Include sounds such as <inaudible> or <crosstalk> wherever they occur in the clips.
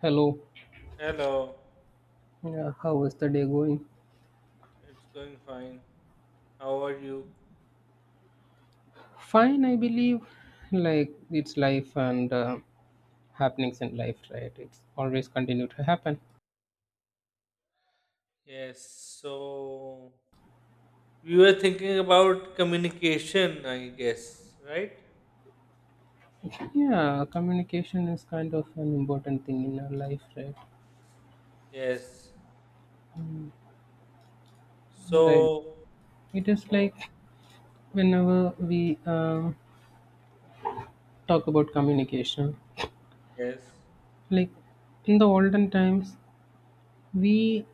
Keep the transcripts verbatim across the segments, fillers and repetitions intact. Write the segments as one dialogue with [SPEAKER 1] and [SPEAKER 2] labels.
[SPEAKER 1] Hello.
[SPEAKER 2] Hello,
[SPEAKER 1] Yeah, how is the day going?
[SPEAKER 2] it's going fine. How are you?
[SPEAKER 1] Fine, I believe. Like it's life and uh, happenings in life, right? It's always continue to happen.
[SPEAKER 2] Yes, so we were thinking about communication, I guess, right?
[SPEAKER 1] Yeah, communication is kind of an important thing in our life, right?
[SPEAKER 2] Yes.
[SPEAKER 1] Right.
[SPEAKER 2] So,
[SPEAKER 1] It is
[SPEAKER 2] oh,
[SPEAKER 1] like whenever we uh, talk about communication,
[SPEAKER 2] yes,
[SPEAKER 1] like in the olden times, we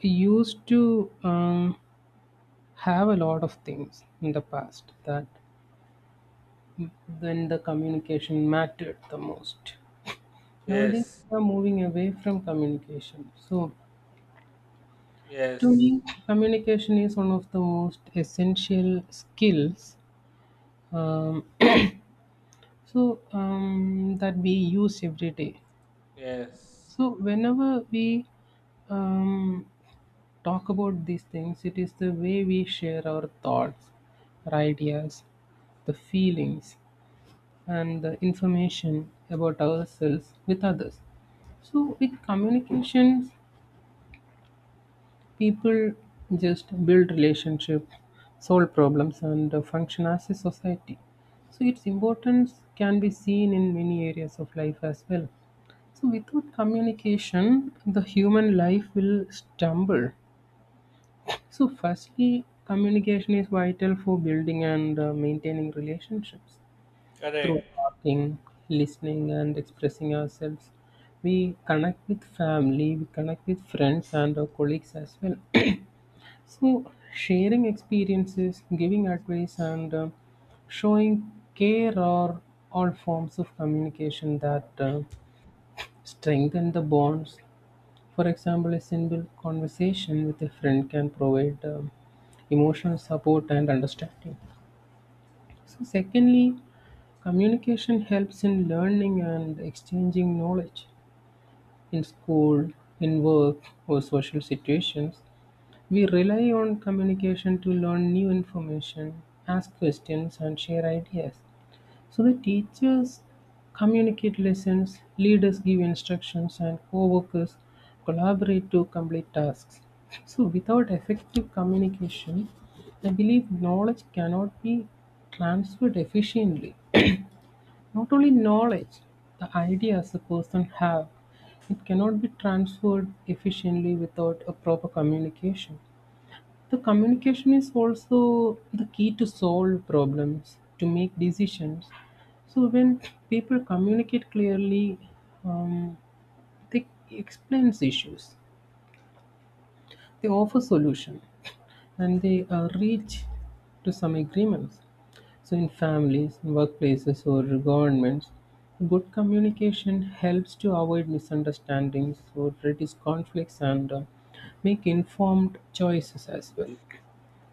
[SPEAKER 1] used to um, have a lot of things in the past that then the communication mattered the most. Nowadays,
[SPEAKER 2] yes,
[SPEAKER 1] we are moving away from communication. So, to
[SPEAKER 2] yes,
[SPEAKER 1] me, communication is one of the most essential skills. Um, <clears throat> so um, that we use every day.
[SPEAKER 2] yes.
[SPEAKER 1] So whenever we um, talk about these things, it is the way we share our thoughts, our ideas, the feelings, and the information about ourselves with others. So with communications, people just build relationship, solve problems, and uh, function as a society. So its importance can be seen in many areas of life as well. So without communication, the human life will stumble. So firstly, communication is vital for building and uh, maintaining relationships.
[SPEAKER 2] Correct.
[SPEAKER 1] Through talking, listening, and expressing ourselves, we connect with family, we connect with friends, and our colleagues as well. <clears throat> So, sharing experiences, giving advice, and uh, showing care are all forms of communication that uh, strengthen the bonds. For example, a simple conversation with a friend can provide um emotional support and understanding. So, secondly, communication helps in learning and exchanging knowledge. In school, in work, or social situations, we rely on communication to learn new information, ask questions, and share ideas. So the teachers communicate lessons, leaders give instructions, and co workers collaborate to complete tasks. So, without effective communication, I believe knowledge cannot be transferred efficiently. Not only knowledge, the ideas a person have, it cannot be transferred efficiently without a proper communication. The communication is also the key to solve problems, to make decisions. So when people communicate clearly, um, they explains issues, they offer solution, and they uh, reach to some agreements. So, in families, workplaces, or governments, good communication helps to avoid misunderstandings or reduce conflicts and uh, make informed choices as well.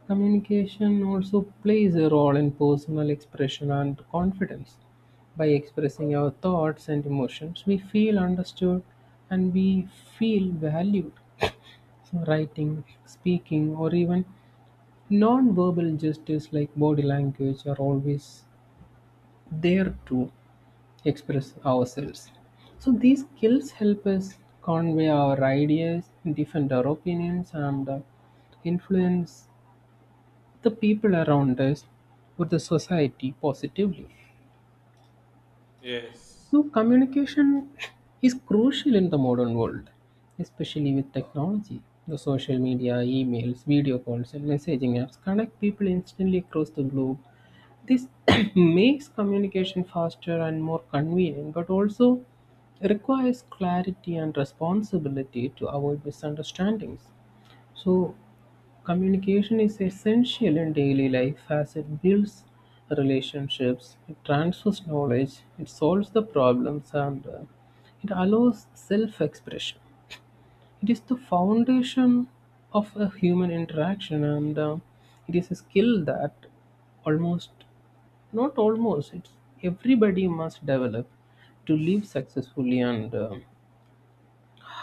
[SPEAKER 1] Communication also plays a role in personal expression and confidence. By expressing our thoughts and emotions, we feel understood and we feel valued. So, writing, speaking, or even non verbal gestures like body language are always there to express ourselves. So these skills help us convey our ideas, defend our opinions, and uh, influence the people around us or the society positively.
[SPEAKER 2] Yes.
[SPEAKER 1] So communication is crucial in the modern world, especially with technology. The social media, emails, video calls, and messaging apps connect people instantly across the globe. This <coughs> <clears throat> makes communication faster and more convenient, but also requires clarity and responsibility to avoid misunderstandings. So, communication is essential in daily life as it builds relationships, it transfers knowledge, it solves the problems, and uh, it allows self expression. It is the foundation of a human interaction, and uh, it is a skill that almost not almost. It's everybody must develop to live successfully and uh,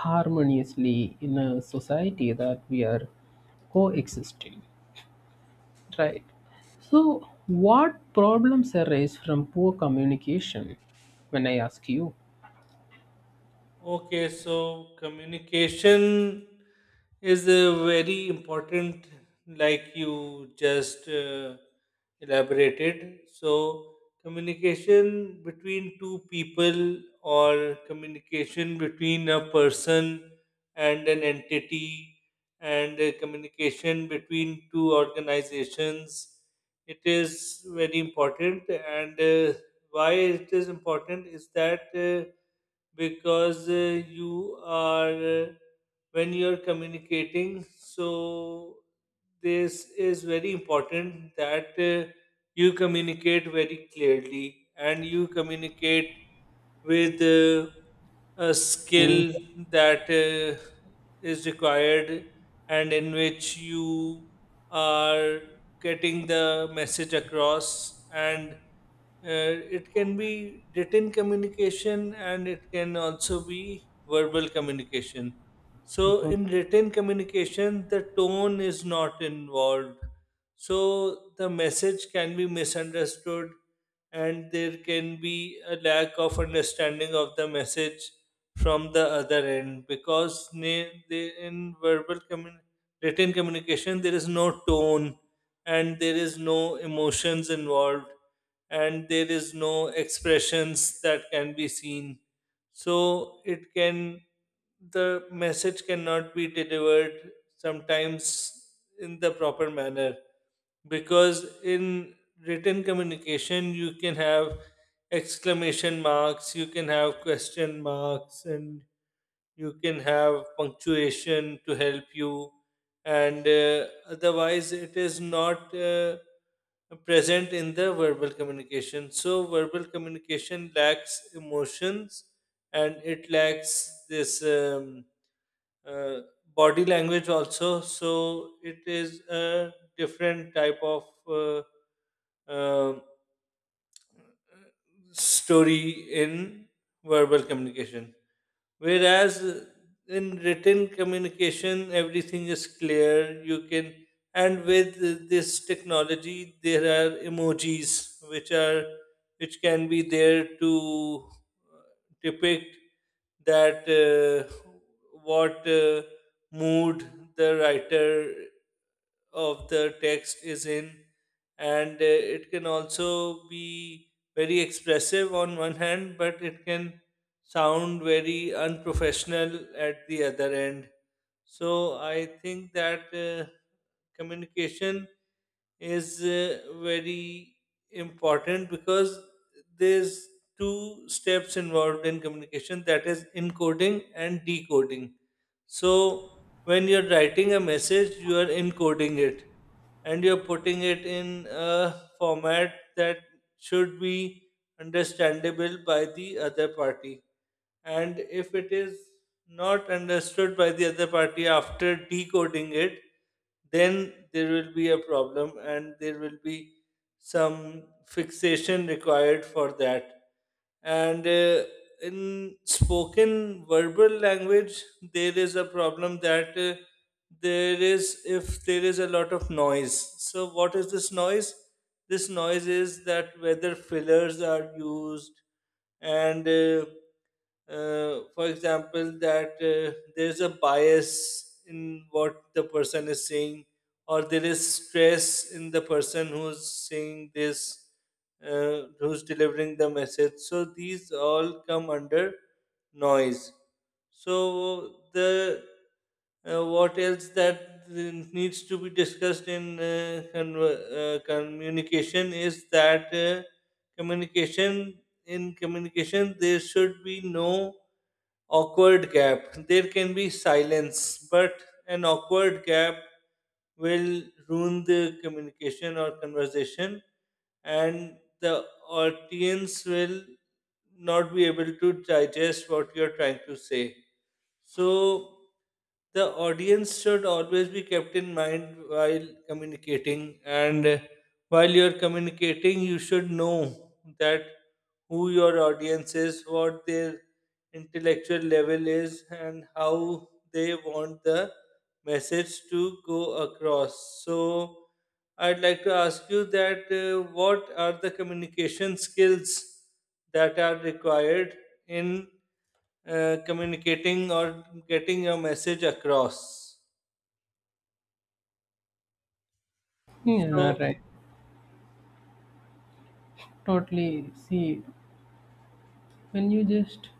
[SPEAKER 1] harmoniously in a society that we are coexisting, right? So, what problems arise from poor communication? When I ask you.
[SPEAKER 2] Okay, so communication is a very important, like you just uh, elaborated. So, communication between two people or communication between a person and an entity, and uh, communication between two organizations, it is very important, and uh, why it is important is that uh, because uh, you are uh, when you're communicating, so this is very important that uh, you communicate very clearly, and you communicate with uh, a skill
[SPEAKER 1] Mhm.
[SPEAKER 2] that uh, is required and in which you are getting the message across, and uh, it can be written communication, and it can also be verbal communication. So, in written communication, the tone is not involved. So, the message can be misunderstood, and there can be a lack of understanding of the message from the other end because ne- they, in verbal commun- written communication, there is no tone, and there is no emotions involved, and there is no expressions that can be seen, so it can the message cannot be delivered sometimes in the proper manner, because in written communication you can have exclamation marks, you can have question marks, and you can have punctuation to help you, and uh, otherwise it is not uh, present in the verbal communication. So verbal communication lacks emotions, and it lacks this um, uh, body language also, so it is a different type of uh, um story in verbal communication. Whereas uh, in written communication, everything is clear. You can, and with uh, this technology, there are emojis which are which can be there to uh, depict that uh, what uh, mood the writer of the text is in, and uh, it can also be very expressive on one hand, but it can sound very unprofessional at the other end. So I think that uh, communication is uh, very important, because there's two steps involved in communication, that is encoding and decoding. So when you're writing a message, you are encoding it, and you're putting it in a format that should be understandable by the other party. And if it is not understood by the other party after decoding it, then there will be a problem, and there will be some fixation required for that. And uh, in spoken verbal language, there is a problem that uh, there is, if there is a lot of noise. So, what is this noise? This noise is that whether fillers are used, and uh, uh, for example, that uh, there's a bias in what the person is saying, or there is stress in the person who's saying this, uh, who's delivering the message. So these all come under noise. So the uh, what else that needs to be discussed in uh, conver- uh, communication is that uh, communication in communication, there should be no awkward gap. There can be silence, but an awkward gap will ruin the communication or conversation, and the audience will not be able to digest what you're trying to say. So the audience should always be kept in mind while communicating, and while you're communicating, you should know that who your audience is, what their intellectual level is, and how they want the message to go across. So I'd like to ask you that uh, what are the communication skills that are required in uh, communicating or getting your message across.
[SPEAKER 1] Yeah,
[SPEAKER 2] So,
[SPEAKER 1] right. Totally. See, when you just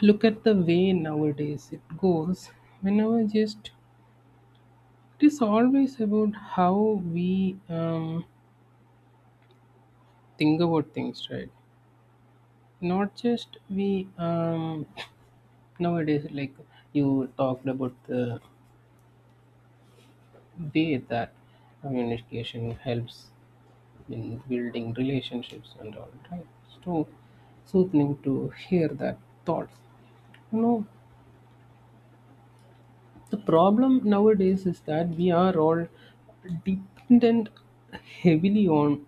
[SPEAKER 1] look at the way nowadays it goes, whenever just it is always about how we um, think about things, right? Not just we um nowadays, like you talked about the way that communication helps in building relationships and all, right? So soothing to hear that thought. You know, the problem nowadays is that we are all dependent heavily on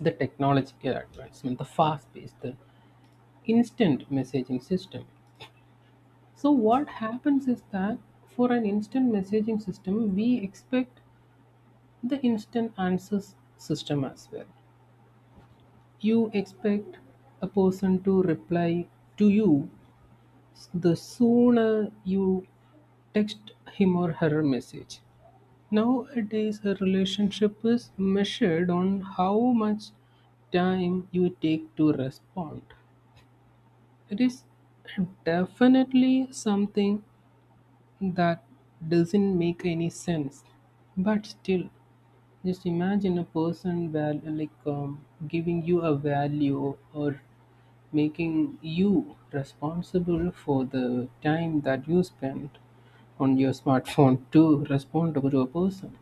[SPEAKER 1] the technological advancement, the fast pace, the instant messaging system. So what happens is that for an instant messaging system, we expect the instant answers system as well. You expect a person to reply to you the sooner you text him or her a message. Nowadays, a relationship is measured on how much time you take to respond. It is definitely something that doesn't make any sense. But still, just imagine a person val- like um, giving you a value or making you responsible for the time that you spend on your smartphone to respond to a person.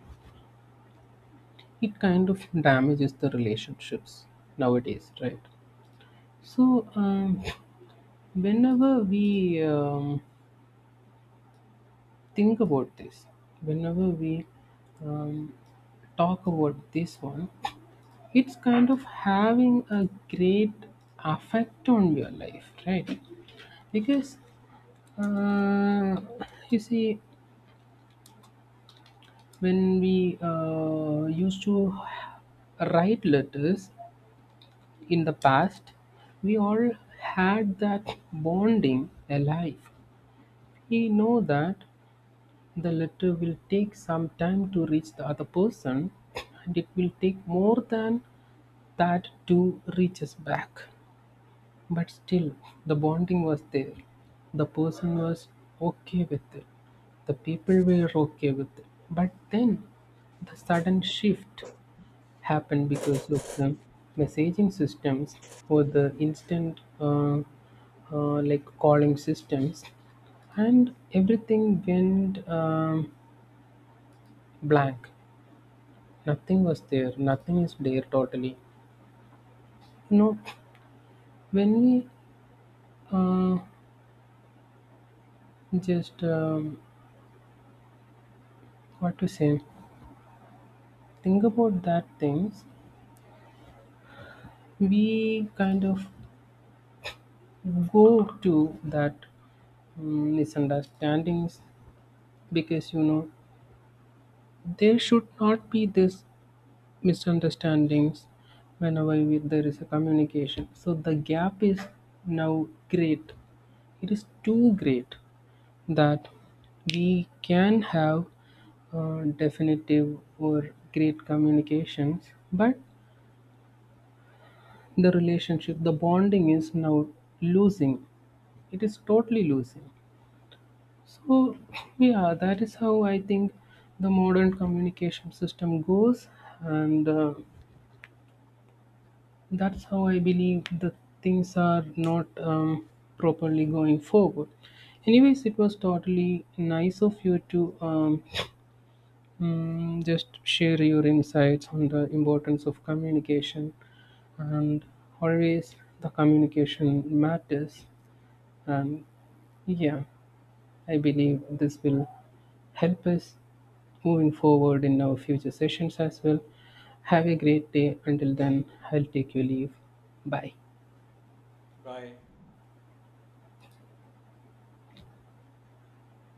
[SPEAKER 1] It kind of damages the relationships nowadays, right? So, um, whenever we um, think about this, whenever we um, talk about this one, it's kind of having a great effect on your life, right? Because uh, you see, when we uh, used to write letters in the past, we all had that bonding alive. We know that the letter will take some time to reach the other person, and it will take more than that to reach us back. But still, the bonding was there. The person was okay with it. The people were okay with it. But then the sudden shift happened because of the messaging systems or the instant uh, uh, like calling systems, and everything went um, blank. Nothing was there. Nothing is there totally. You know, when we uh, just um, what to say, think about that things, we kind of go to that mm, misunderstandings. Because you know, there should not be this misunderstandings whenever we, there is a communication. So the gap is now great, it is too great that we can have uh, definitive or great communications, but the relationship, the bonding is now losing, it is totally losing. So yeah, that is how I think the modern communication system goes, and uh, that's how I believe the things are not um, properly going forward. Anyways, it was totally nice of you to um, mm, just share your insights on the importance of communication, and always the communication matters. And yeah, I believe this will help us moving forward in our future sessions as well. Have a great day. Until then, I'll take your leave. Bye.
[SPEAKER 2] bye.